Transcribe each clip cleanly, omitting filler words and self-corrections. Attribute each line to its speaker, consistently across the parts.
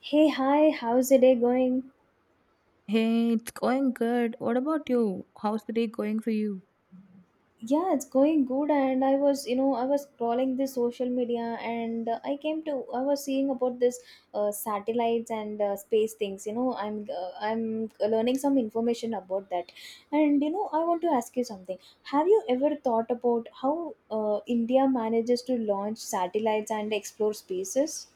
Speaker 1: Hey, hi, how's the day going?
Speaker 2: Hey, it's going good. What about you? How's the day going for you?
Speaker 1: Yeah, it's going good. And I was, I was scrolling this social media and I was seeing about this satellites and space things. You know, I'm learning some information about that. And, you know, I want to ask you something. Have you ever thought about how India manages to launch satellites and explore spaces?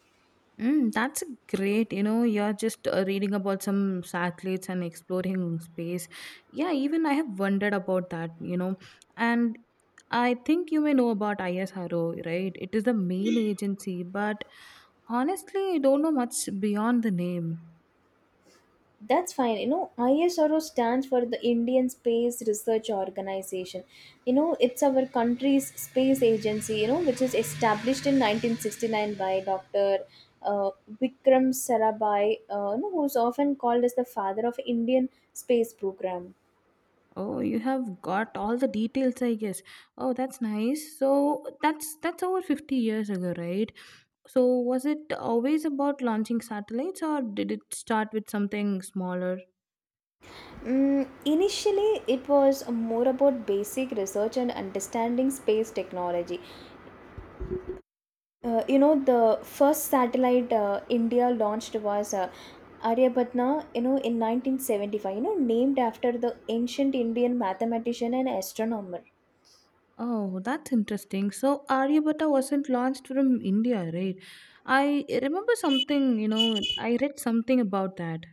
Speaker 2: Mm, that's great. You know, you're just reading about some satellites and exploring space. Yeah, even I have wondered about that, you know. And I think you may know about ISRO, right? It is the main agency, but honestly, I don't know much beyond the name.
Speaker 1: That's fine. You know, ISRO stands for the Indian Space Research Organization. You know, it's our country's space agency, you know, which is established in 1969 by Dr. Uh, Vikram Sarabhai, you know, who's often called as the father of Indian space program.
Speaker 2: Oh, you have got all the details, I guess. Oh, that's nice. So that's over 50 years ago, right? So, was it always about launching satellites or did it start with something smaller?
Speaker 1: Initially, it was more about basic research and understanding space technology. You know, the first satellite India launched was Aryabhatna, you know, in 1975, you know, named after the ancient Indian mathematician and astronomer.
Speaker 2: Oh, that's interesting. So, Aryabhatta wasn't launched from India, right? I remember something, you know, I read something about that.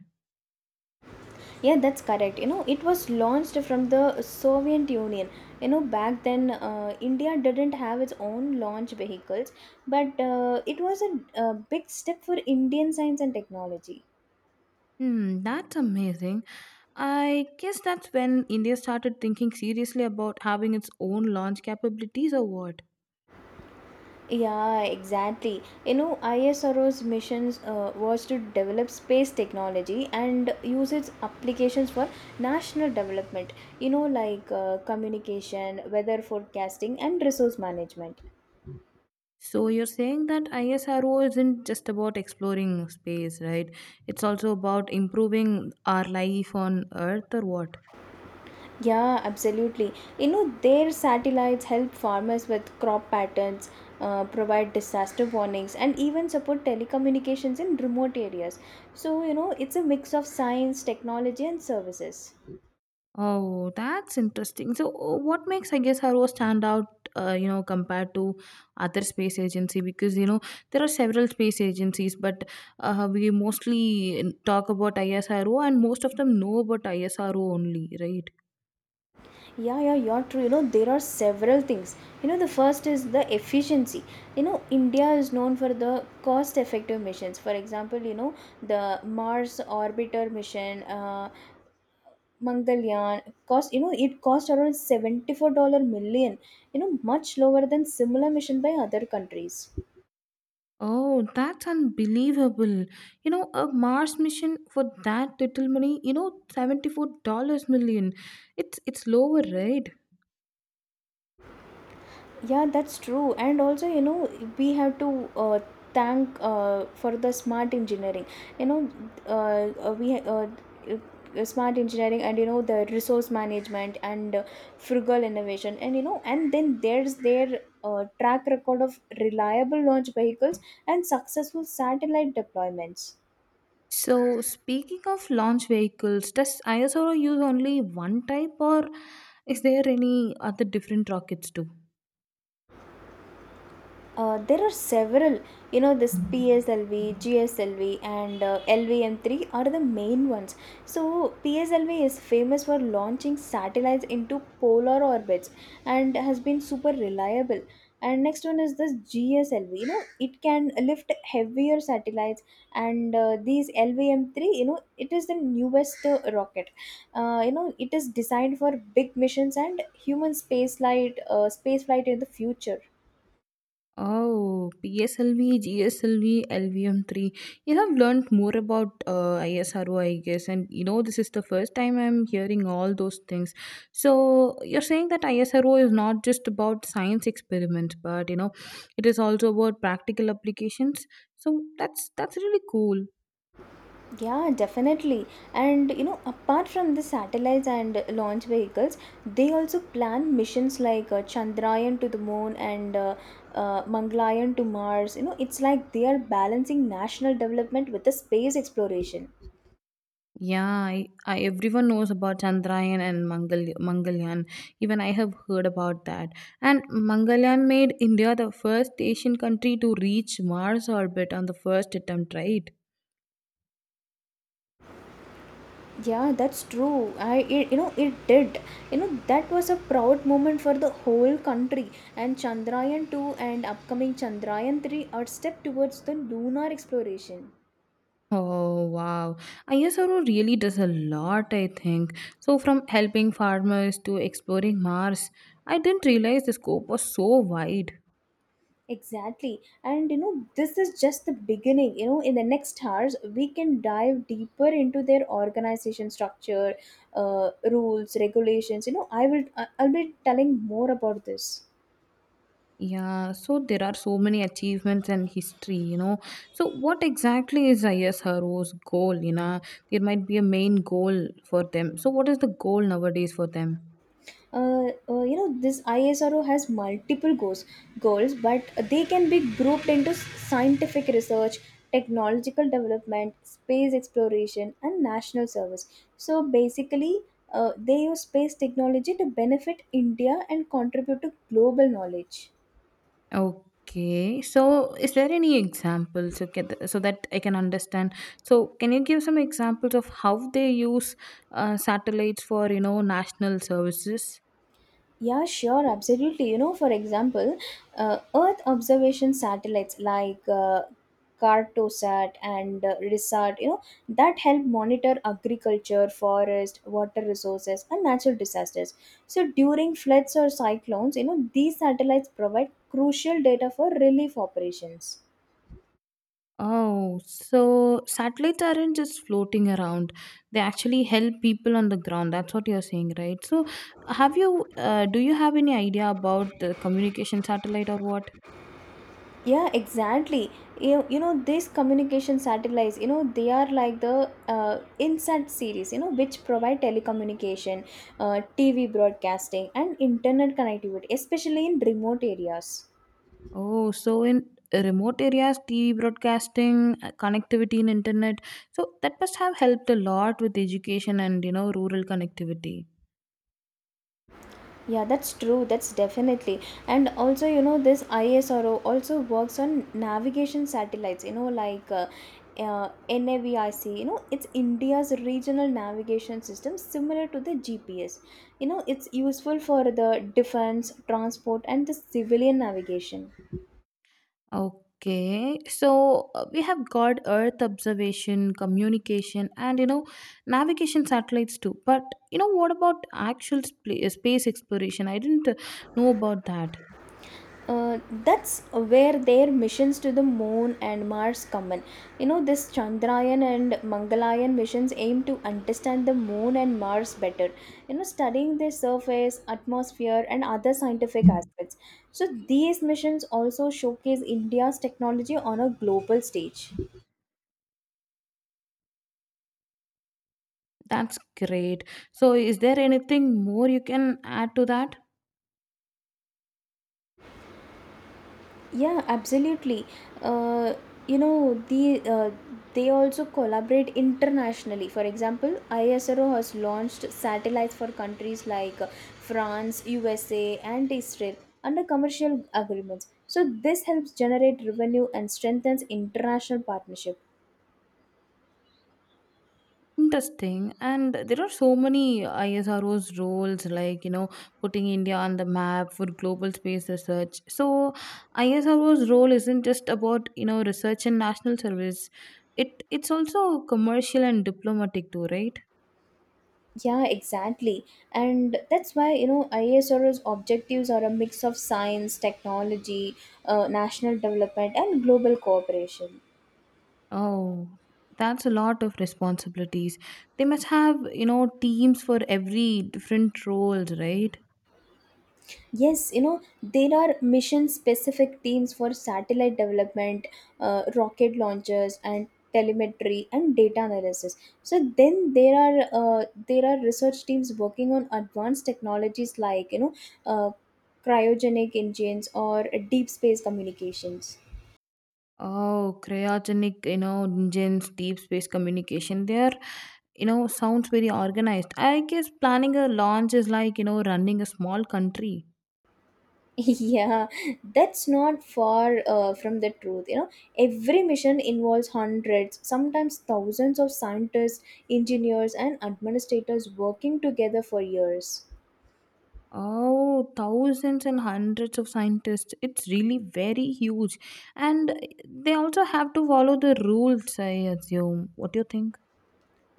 Speaker 1: Yeah, that's correct. You know, it was launched from the Soviet Union. You know, back then, India didn't have its own launch vehicles, but a big step for Indian science and technology.
Speaker 2: Hmm, that's amazing. I guess that's when India started thinking seriously about having its own launch capabilities or what?
Speaker 1: Yeah, exactly. You know, ISRO's missions was to develop space technology and use its applications for national development, you know, like communication, weather forecasting, and resource management.
Speaker 2: So you're saying that ISRO isn't just about exploring space, right? It's also about improving our life on Earth or what?
Speaker 1: Yeah, absolutely. You know, their satellites help farmers with crop patterns, provide disaster warnings, and even support telecommunications in remote areas. So, you know, it's a mix of science, technology, and services.
Speaker 2: Oh, that's interesting. So what makes ISRO stand out, you know, compared to other space agency? Because, you know, there are several space agencies, but we mostly talk about ISRO and most of them know about ISRO only, right?
Speaker 1: Yeah, yeah, you're true. You know, there are several things. You know, the first is the efficiency. You know, India is known for the cost effective missions. For example, you know, the Mars orbiter mission, Mangalyaan, cost, you know, it cost around $74 million, you know, much lower than similar mission by other countries.
Speaker 2: Oh, that's unbelievable. You know, a Mars mission for that little money, you know, $74 million. 1,000,000 It's lower, right?
Speaker 1: Yeah, that's true. And also, you know, we have to thank for the smart engineering. You know, we smart engineering, and you know the resource management and frugal innovation, and you know, and then there's their track record of reliable launch vehicles and successful satellite deployments.
Speaker 2: So, speaking of launch vehicles, does ISRO use only one type or is there any other different rockets too?
Speaker 1: There are several, you know, this PSLV, GSLV, and LVM3 are the main ones. So, PSLV is famous for launching satellites into polar orbits and has been super reliable. And next one is this GSLV, you know, it can lift heavier satellites, and these LVM3, you know, it is the newest rocket. You know, it is designed for big missions and space flight in the future.
Speaker 2: Oh, PSLV, GSLV, LVM3. You have learned more about ISRO, I guess, and you know this is the first time I'm hearing all those things. So you're saying that ISRO is not just about science experiments, but you know, it is also about practical applications. So that's really cool.
Speaker 1: Yeah, definitely. And you know, apart from the satellites and launch vehicles, they also plan missions like Chandrayaan to the moon and Mangalyaan to Mars. You know, it's like they are balancing national development with the space exploration.
Speaker 2: Yeah, I everyone knows about Chandrayaan and Mangalyaan. Even I have heard about that. And Mangalyaan made India the first Asian country to reach Mars orbit on the first attempt, right?
Speaker 1: Yeah, that's true. You know it did. You know, that was a proud moment for the whole country. And Chandrayaan 2 and upcoming Chandrayaan 3 are step towards the lunar exploration.
Speaker 2: Oh wow. ISRO really does a lot, I think. So from helping farmers to exploring Mars, I didn't realize the scope was so wide.
Speaker 1: Exactly. And you know, this is just the beginning. You know, in the next hours, we can dive deeper into their organization structure, rules, regulations. You know, I'll be telling more about this.
Speaker 2: Yeah, so there are so many achievements and history, you know. So, what exactly is ISRO's goal? You know, there might be a main goal for them. So, what is the goal nowadays for them?
Speaker 1: You know, this ISRO has multiple goals, but they can be grouped into scientific research, technological development, space exploration, and national service. So basically, they use space technology to benefit India and contribute to global knowledge.
Speaker 2: Okay, so is there any examples so that I can understand? So, can you give some examples of how they use satellites for you know national services?
Speaker 1: Yeah, sure, absolutely. You know, for example, Earth observation satellites like Cartosat and RISAT, you know, that help monitor agriculture, forest, water resources, and natural disasters. So during floods or cyclones, you know, these satellites provide crucial data for relief operations.
Speaker 2: Oh, so satellites aren't just floating around. They actually help people on the ground. That's what you're saying, right? So, do you have any idea about the communication satellite or what?
Speaker 1: Yeah, exactly. You know, these communication satellites, you know, they are like the INSAT series, you know, which provide telecommunication, TV broadcasting, and internet connectivity, especially in remote areas.
Speaker 2: Oh, so in remote areas, TV broadcasting, connectivity and internet. So, that must have helped a lot with education and, you know, rural connectivity.
Speaker 1: Yeah, that's true. That's definitely. And also, you know, this ISRO also works on navigation satellites, you know, like NAVIC. You know, it's India's regional navigation system similar to the GPS. You know, it's useful for the defense, transport, and the civilian navigation.
Speaker 2: Okay, so we have got Earth observation, communication, and you know, navigation satellites too. But you know, what about actual space exploration? I didn't know about that.
Speaker 1: uh, that's where their missions to the moon and Mars come in. You know, this Chandrayaan and Mangalayan missions aim to understand the moon and Mars better, you know, studying their surface, atmosphere, and other scientific aspects. So these missions also showcase India's technology on a global stage.
Speaker 2: That's great. So, is there anything more you can add to that?
Speaker 1: Yeah, absolutely. Uh, you know, the they also collaborate internationally. For example, ISRO has launched satellites for countries like France, USA, and Israel under commercial agreements. So this helps generate revenue and strengthens international partnership.
Speaker 2: Interesting. And there are so many ISRO's roles, like, you know, putting India on the map for global space research. So, ISRO's role isn't just about, you know, research and national service. It's also commercial and diplomatic too, right?
Speaker 1: Yeah, exactly. And that's why, you know, ISRO's objectives are a mix of science, technology, national development, and global cooperation.
Speaker 2: Oh, that's a lot of responsibilities. They must have, you know, teams for every different roles, right?
Speaker 1: Yes, you know, there are mission specific teams for satellite development, rocket launches, and telemetry and data analysis. So then there are research teams working on advanced technologies like, you know, uh, cryogenic engines or deep space communications.
Speaker 2: Oh, cryogenic, you know, engines, deep space communication. There, you know, sounds very organized. I guess planning a launch is like, you know, running a small country.
Speaker 1: Yeah, that's not far from the truth. You know, every mission involves hundreds, sometimes thousands of scientists, engineers, and administrators working together for years.
Speaker 2: Oh, thousands and hundreds of scientists. It's really very huge. And they also have to follow the rules, I assume. What do you think?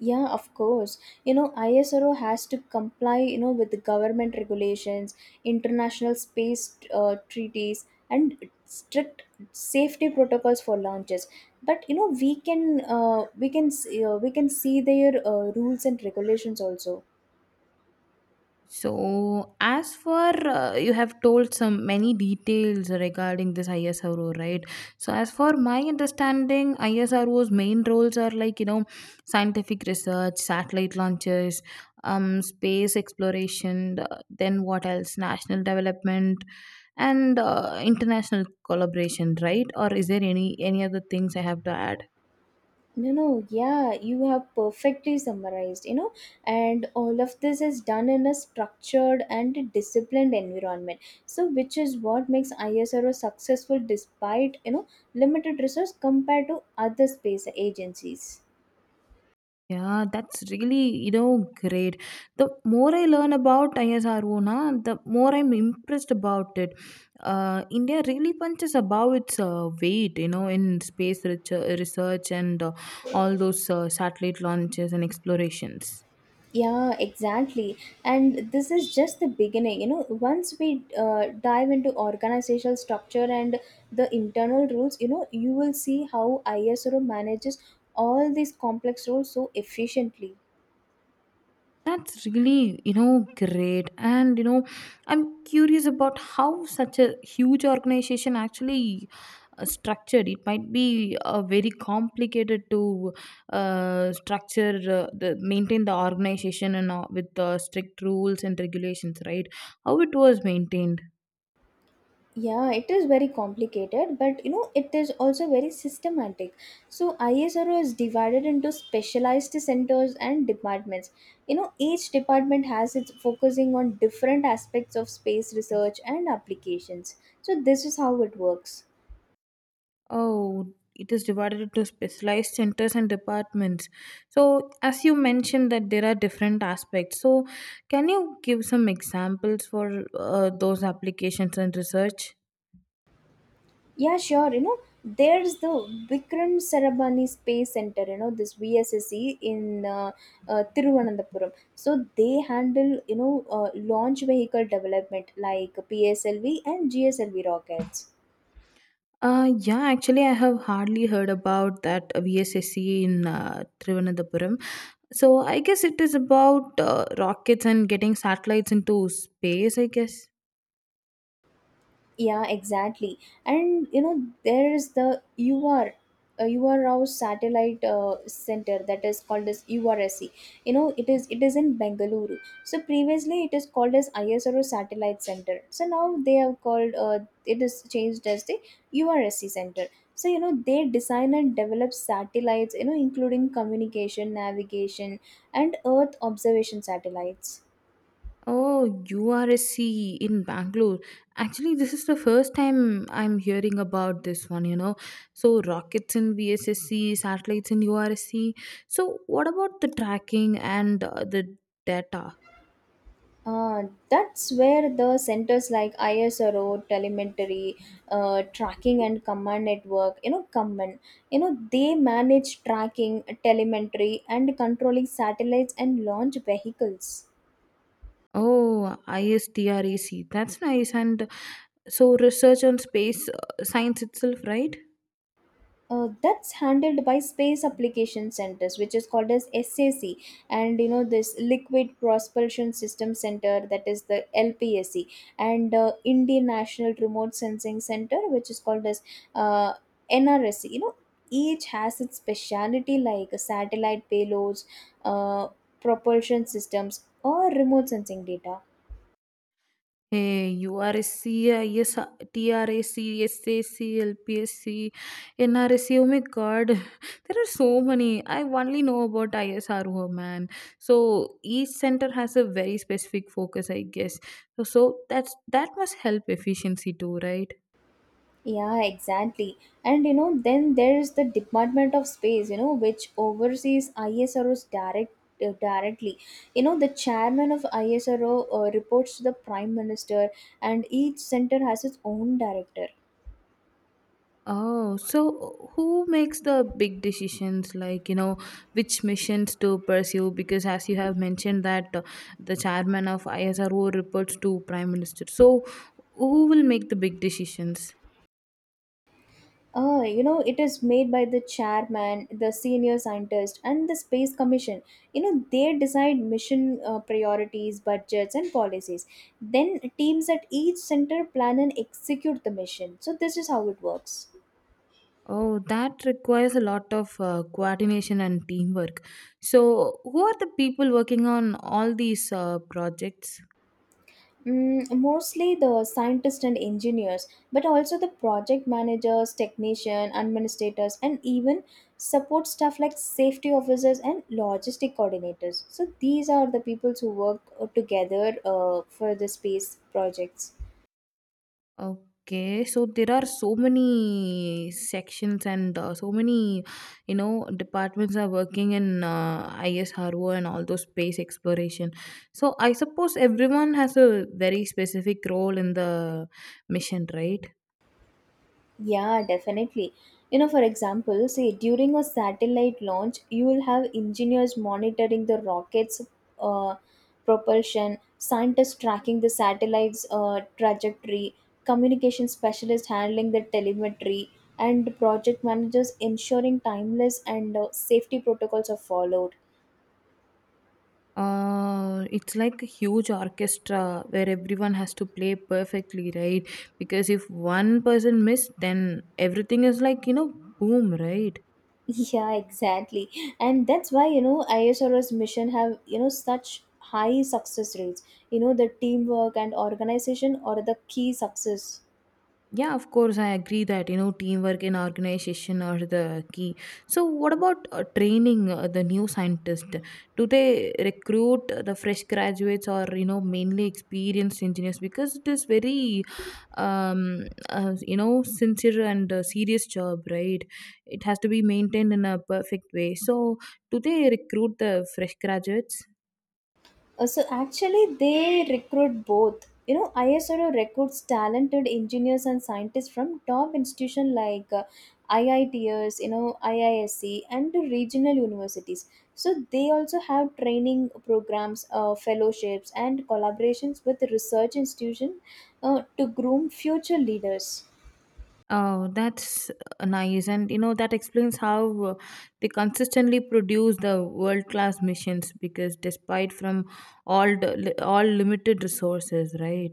Speaker 1: Yeah, of course. You know, ISRO has to comply, you know, with the government regulations, international space treaties, and strict safety protocols for launches. But you know, we can see their rules and regulations also.
Speaker 2: So, as for you have told some many details regarding this ISRO, right? So, as for my understanding, ISRO's main roles are like you know, scientific research, satellite launches, space exploration, then what else? National development and international collaboration, right? Or is there any other things I have to add?
Speaker 1: No, no, yeah, you have perfectly summarized, you know, and all of this is done in a structured and a disciplined environment. So, which is what makes ISRO successful despite, you know, limited resource compared to other space agencies.
Speaker 2: Yeah, that's really, you know, great. The more I learn about ISRO, na, the more I'm impressed about it. India really punches above its weight, you know, in space research and all those satellite launches and explorations.
Speaker 1: Yeah, exactly. And this is just the beginning. You know, once we dive into organizational structure and the internal rules, you know, you will see how ISRO manages all these complex roles so efficiently.
Speaker 2: That's really, you know, great. And, you know, I'm curious about how such a huge organization actually structured. It might be very complicated to structure the maintain the organization and with strict rules and regulations, right? How it was maintained?
Speaker 1: Yeah, it is very complicated, but you know, it is also very systematic. So, ISRO is divided into specialized centers and departments. You know, each department has its focusing on different aspects of space research and applications. So, this is how it works.
Speaker 2: Oh, it is divided into specialized centers and departments. So as you mentioned that there are different aspects, so can you give some examples for those applications and research?
Speaker 1: Yeah, sure. You know, there's the Vikram Sarabani Space Center, you know, this VSSE in Thiruvananthapuram. So they handle, you know, launch vehicle development like PSLV and GSLV rockets.
Speaker 2: Yeah, actually, I have hardly heard about that VSSC in Trivandapuram. So I guess it is about rockets and getting satellites into space, I guess.
Speaker 1: Yeah, exactly. And you know, there is the ur ur Rao satellite center, that is called as URSC. You know, it is in Bengaluru. So previously it is called as ISRO satellite center, so now they have called it is changed as the URSC center. So you know, they design and develop satellites, you know, including communication, navigation, and Earth observation satellites.
Speaker 2: Oh, URSC in Bangalore. Actually, this is the first time I'm hearing about this one, you know. So, rockets in VSSC, satellites in URSC. So, what about the tracking and the data?
Speaker 1: Uh, that's where the centers like ISRO, telemetry, tracking and command network, you know, come in. You know, they manage tracking, telemetry, and controlling satellites and launch vehicles.
Speaker 2: Oh, ISTRAC. That's nice. And so, research on space science itself, right?
Speaker 1: That's handled by space application centers, which is called as SAC, and you know, this liquid propulsion system center, that is the LPSC, and Indian national remote sensing center, which is called as uh, NRSC. You know, each has its speciality like satellite payloads, uh, propulsion systems, or remote sensing data.
Speaker 2: Hey, URSC, oh my God, there are so many. I only know about ISRO, man. So each center has a very specific focus, I guess. So, that must help efficiency too, right?
Speaker 1: Yeah, exactly. And you know, then there's the Department of Space, you know, which oversees ISRO's directly. You know, the chairman of ISRO reports to the prime minister, and each center has its own director.
Speaker 2: Oh, so who makes the big decisions like, you know, which missions to pursue? Because as you have mentioned that the chairman of ISRO reports to prime minister. So who will make the big decisions?
Speaker 1: You know, it is made by the chairman, the senior scientist, and the space commission. You know, they decide mission priorities, budgets, and policies. Then teams at each center plan and execute the mission. So this is how it works.
Speaker 2: Oh, that requires a lot of coordination and teamwork. So who are the people working on all these projects?
Speaker 1: Mostly the scientists and engineers, but also the project managers, technician, administrators, and even support staff like safety officers and logistic coordinators. So these are the people who work together for the space projects.
Speaker 2: Okay, so there are so many sections and so many, you know, departments are working in ISRO and all those space exploration. So I suppose everyone has a very specific role in the mission, right?
Speaker 1: Yeah, definitely. You know, for example, say during a satellite launch, you will have engineers monitoring the rocket's uh, propulsion, scientists tracking the satellite's trajectory, communication specialists handling the telemetry, and project managers ensuring timeless and safety protocols are followed.
Speaker 2: It's like a huge orchestra where everyone has to play perfectly, right? Because if one person miss, then everything is like, you know, boom, right?
Speaker 1: Yeah, exactly. And that's why, you know, ISRO's mission have, you know, such high success rates. You know, the teamwork and organization are the key success.
Speaker 2: Yeah, of course, I agree that you know teamwork in organization are the key. So, what about training the new scientist? Do they recruit the fresh graduates or you know mainly experienced engineers? Because it is very, um, you know, sincere and serious job, right? It has to be maintained in a perfect way. So, do they recruit the fresh graduates?
Speaker 1: So actually, they recruit both. You know, ISRO recruits talented engineers and scientists from top institutions like IITs, you know, IISc, and the regional universities. So they also have training programs, fellowships, and collaborations with research institutions to groom future leaders.
Speaker 2: Oh, that's nice. And you know, that explains how they consistently produce the world-class missions because despite from all limited resources, right?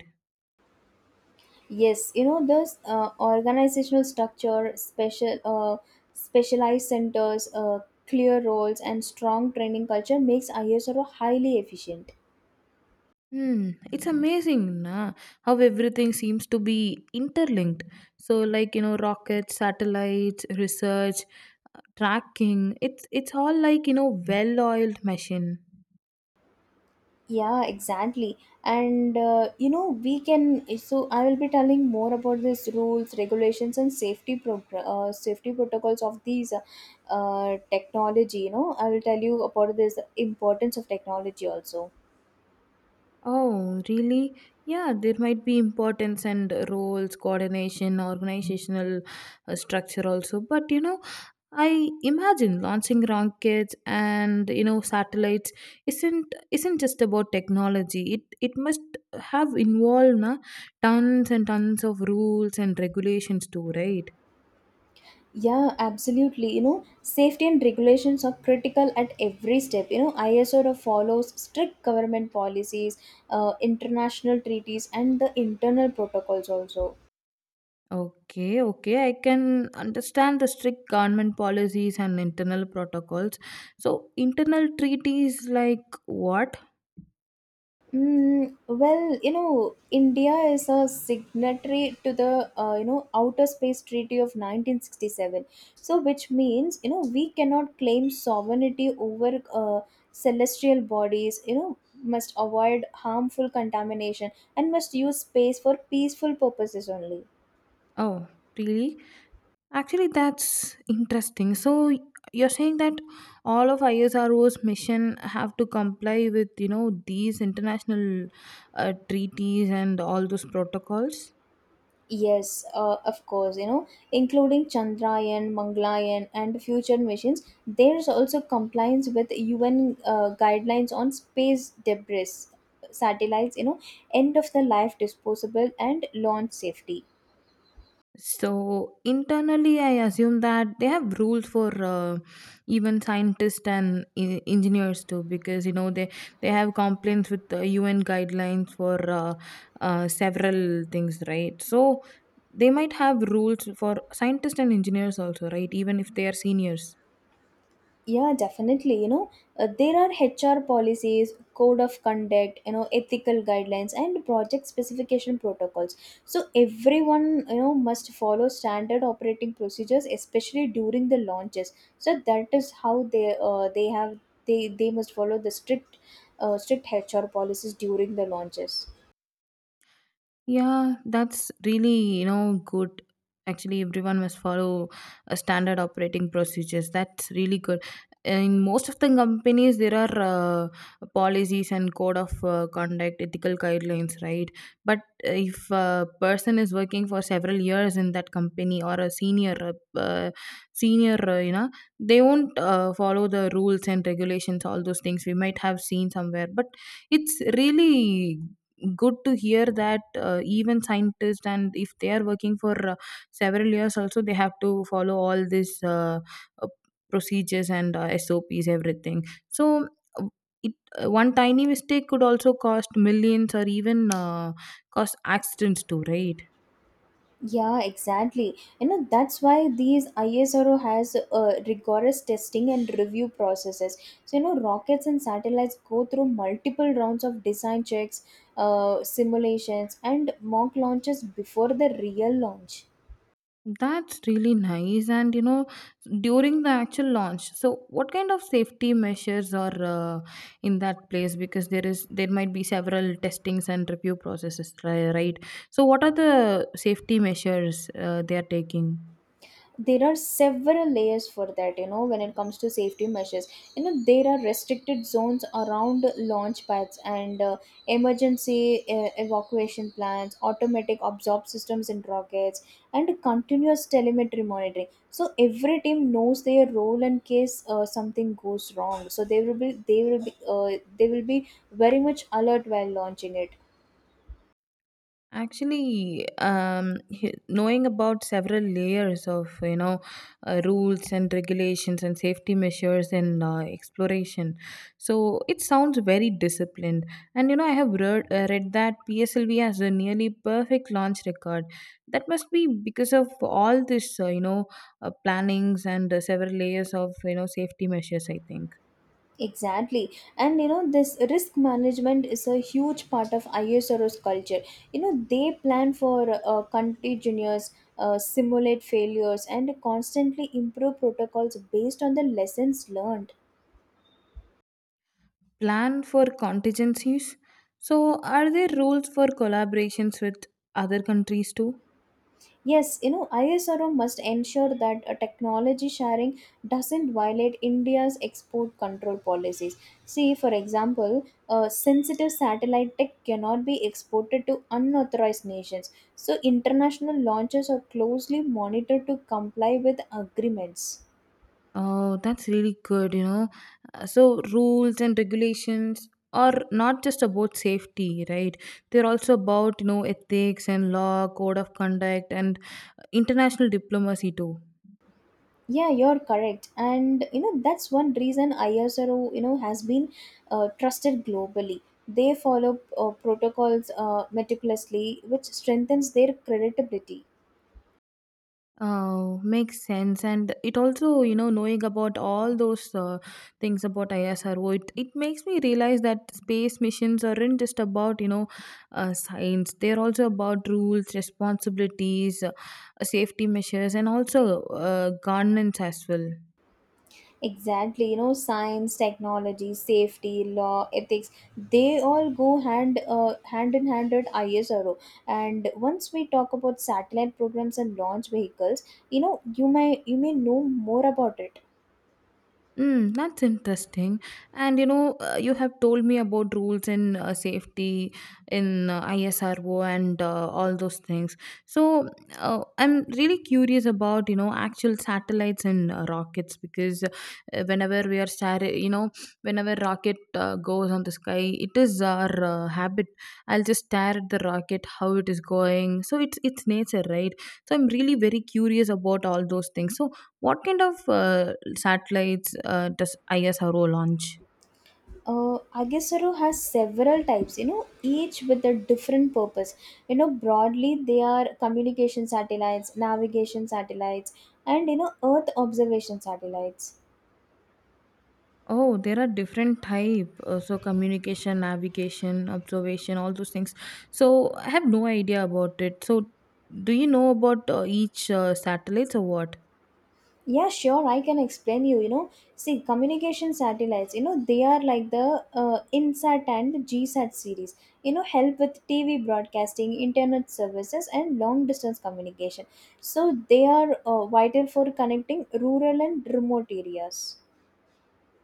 Speaker 1: Yes, you know, this organizational structure, specialized centers, clear roles, and strong training culture makes ISRO highly efficient.
Speaker 2: Hmm, it's amazing na, how everything seems to be interlinked. So like, you know, rockets, satellites, research, tracking, it's all like, you know, well-oiled machine.
Speaker 1: Yeah, exactly. And you know we can. So I will be telling more about these rules, regulations, and safety protocols of these technology. You know I will tell you about this importance of technology also.
Speaker 2: Oh, really? Yeah, there might be importance and roles, coordination, organizational structure also. But you know, I imagine launching rockets and you know satellites isn't just about technology. It must have involved na, tons and tons of rules and regulations too, right?
Speaker 1: Yeah, absolutely. You know, safety and regulations are critical at every step. You know, ISO follows strict government policies, international treaties, and the internal protocols also.
Speaker 2: Okay, okay, I can understand the strict government policies and internal protocols. So, internal treaties like what?
Speaker 1: Well, you know, India is a signatory to the you know Outer Space Treaty of 1967. So, which means you know we cannot claim sovereignty over celestial bodies. You know, must avoid harmful contamination and must use space for peaceful purposes only.
Speaker 2: Oh, really? Actually, that's interesting. So you're saying that all of ISRO's mission have to comply with, you know, these international treaties and all those protocols?
Speaker 1: Yes, of course, you know, including Chandrayaan, Mangalayan, and future missions, there's also compliance with UN guidelines on space debris, satellites, you know, end of the life disposable, and launch safety.
Speaker 2: So internally, I assume that they have rules for even scientists and engineers too, because you know they have complaints with the UN guidelines for several things, right? So they might have rules for scientists and engineers also, right? Even if they are seniors.
Speaker 1: Yeah, definitely. You know, there are HR policies, code of conduct, you know, ethical guidelines, and project specification protocols. So everyone, you know, must follow standard operating procedures, especially during the launches. So that is how they must follow the strict strict HR policies during the launches.
Speaker 2: Yeah, that's really, you know, good. Actually, everyone must follow a standard operating procedures. That's really good. In most of the companies, there are policies and code of conduct, ethical guidelines, right? But if a person is working for several years in that company or a senior, you know, they won't follow the rules and regulations, all those things we might have seen somewhere. But it's really good to hear that even scientists and if they are working for several years also they have to follow all these uh, procedures and sops everything. So uh, it, one tiny mistake could also cost millions or even cause accidents too, right?
Speaker 1: Yeah, exactly. You know, that's why these ISRO has rigorous testing and review processes. So, you know, rockets and satellites go through multiple rounds of design checks, simulations, and mock launches before the real launch.
Speaker 2: That's really nice. And you know, during the actual launch, so what kind of safety measures are in that place? Because there might be several testings and review processes, right? So what are the safety measures they are taking?
Speaker 1: There are several layers for that. You know, when it comes to safety measures, you know, there are restricted zones around launch pads and emergency evacuation plans, automatic absorb systems in rockets, and continuous telemetry monitoring. So every team knows their role in case something goes wrong. So they will be very much alert while launching it.
Speaker 2: Actually, knowing about several layers of you know rules and regulations and safety measures in exploration, so it sounds very disciplined. And you know, I have read that PSLV has a nearly perfect launch record. That must be because of all this you know plannings and several layers of you know safety measures. I think
Speaker 1: Exactly. And you know, this risk management is a huge part of ISRO's culture. You know, they plan for contagious, simulate failures, and constantly improve protocols based on the lessons learned.
Speaker 2: plan for contingencies. So, are there rules for collaborations with other countries too?
Speaker 1: Yes, you know, ISRO must ensure that a technology sharing doesn't violate India's export control policies. See, for example, sensitive satellite tech cannot be exported to unauthorized nations. So, international launches are closely monitored to comply with agreements.
Speaker 2: Oh, that's really good, you know. So, rules and regulations are not just about safety, right? They're also about, you know, ethics and law, code of conduct, and international diplomacy, too.
Speaker 1: Yeah, you're correct. And you know, that's one reason ISRO, you know, has been trusted globally. They follow protocols meticulously, which strengthens their credibility.
Speaker 2: Oh, makes sense. And it also, you know, knowing about all those things about ISRO, it makes me realize that space missions aren't just about, you know, science. They're also about rules, responsibilities, safety measures, and also governance as well.
Speaker 1: Exactly, you know, science, technology, safety, law, ethics, they all go hand in hand at ISRO. And once we talk about satellite programs and launch vehicles, you know, you may know more about it.
Speaker 2: Mm, that's interesting. And you know, you have told me about rules in safety, in ISRO, and all those things. So I'm really curious about you know actual satellites and rockets because whenever you know, whenever rocket goes on the sky, it is our habit. I'll just stare at the rocket, how it is going. So it's nature, right? So I'm really very curious about all those things. So what kind of satellites, does ISRO launch?
Speaker 1: Agasaro has several types, you know, each with a different purpose. You know, broadly, they are communication satellites, navigation satellites, and you know, Earth observation satellites.
Speaker 2: Oh, there are different type. So communication, navigation, observation, all those things. So I have no idea about it. So do you know about each satellite or what?
Speaker 1: Yeah, sure, I can explain you. You know, see, communication satellites, you know, they are like the INSAT and GSAT series, you know, help with TV broadcasting, internet services, and long distance communication. So, they are vital for connecting rural and remote areas.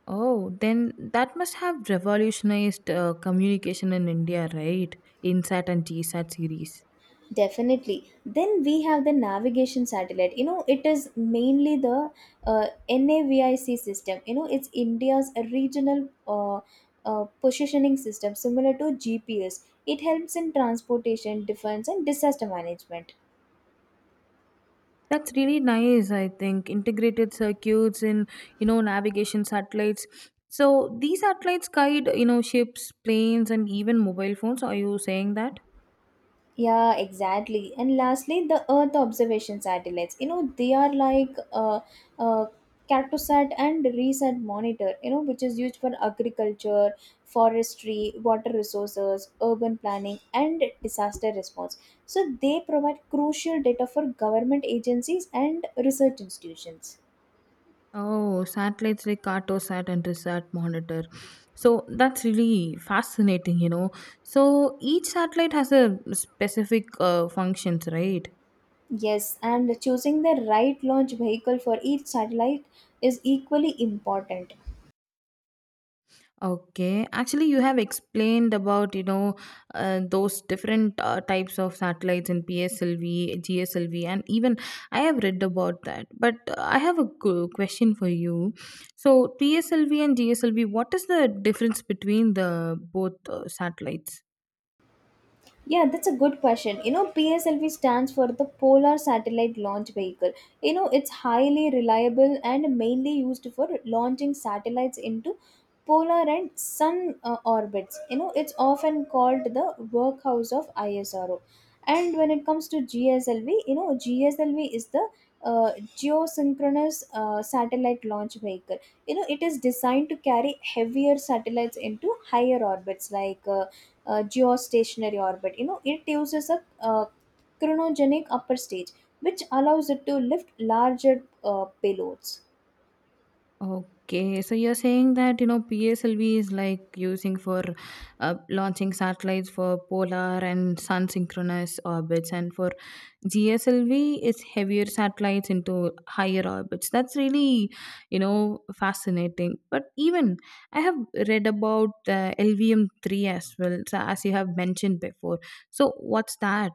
Speaker 2: Oh, then that must have revolutionized communication in India, right? InSat and GSat series.
Speaker 1: Definitely. Then we have the navigation satellite. You know, it is mainly the NAVIC system. You know, it's India's regional positioning system, similar to GPS. It helps in transportation, defense, and disaster management.
Speaker 2: That's really nice, I think. Integrated circuits in, you know, navigation satellites. So these satellites guide, you know, ships, planes, and even mobile phones. Are you saying that?
Speaker 1: Yeah, exactly. And lastly, the Earth observation satellites. You know, they are like uh, Cartosat and ReSat monitor. You know, which is used for agriculture, forestry, water resources, urban planning, and disaster response. So they provide crucial data for government agencies and research institutions.
Speaker 2: Oh, satellites like Cartosat and Resat Monitor. So that's really fascinating, you know. So each satellite has a specific functions, right?
Speaker 1: Yes, and choosing the right launch vehicle for each satellite is equally important.
Speaker 2: Okay. Actually, you have explained about, you know, those different types of satellites in PSLV, GSLV, and even I have read about that. But I have a question for you. So, PSLV and GSLV, what is the difference between the both satellites?
Speaker 1: Yeah, that's a good question. You know, PSLV stands for the Polar Satellite Launch Vehicle. You know, it's highly reliable and mainly used for launching satellites into polar and sun orbits. You know, it's often called the workhouse of ISRO. And when it comes to GSLV, you know, GSLV is the geosynchronous satellite launch vehicle. You know, it is designed to carry heavier satellites into higher orbits like geostationary orbit. You know, it uses a cryogenic upper stage, which allows it to lift larger payloads.
Speaker 2: Okay, so you're saying that you know PSLV is like using for launching satellites for polar and sun synchronous orbits, and for GSLV it's heavier satellites into higher orbits. That's really you know fascinating. But even I have read about LVM3 as well, so as you have mentioned before. So what's that?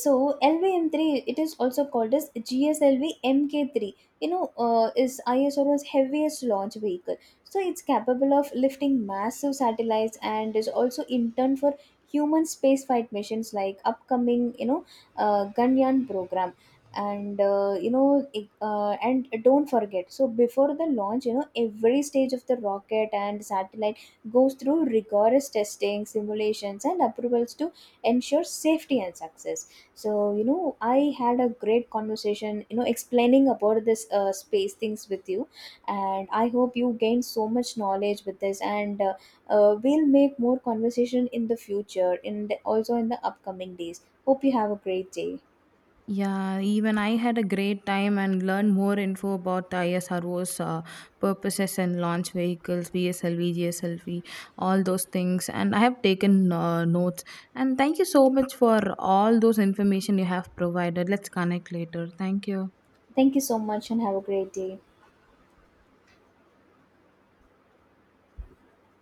Speaker 1: So LVM3, it is also called as GSLV MK3. You know, is ISRO's heaviest launch vehicle. So it's capable of lifting massive satellites and is also in turn for human spaceflight missions like upcoming, you know, Ganyaan program. And you know, and don't forget, so before the launch, you know, every stage of the rocket and satellite goes through rigorous testing, simulations, and approvals to ensure safety and success. So, you know, I had a great conversation, you know, explaining about this space things with you. And I hope you gained so much knowledge with this. And we'll make more conversation in the future, in the, also in the upcoming days. Hope you have a great day.
Speaker 2: Yeah, even I had a great time and learned more info about the ISRO's purposes and launch vehicles, VSLV, GSLV, all those things. And I have taken notes. And thank you so much for all those information you have provided. Let's connect later. Thank you.
Speaker 1: Thank you so much and have a great day.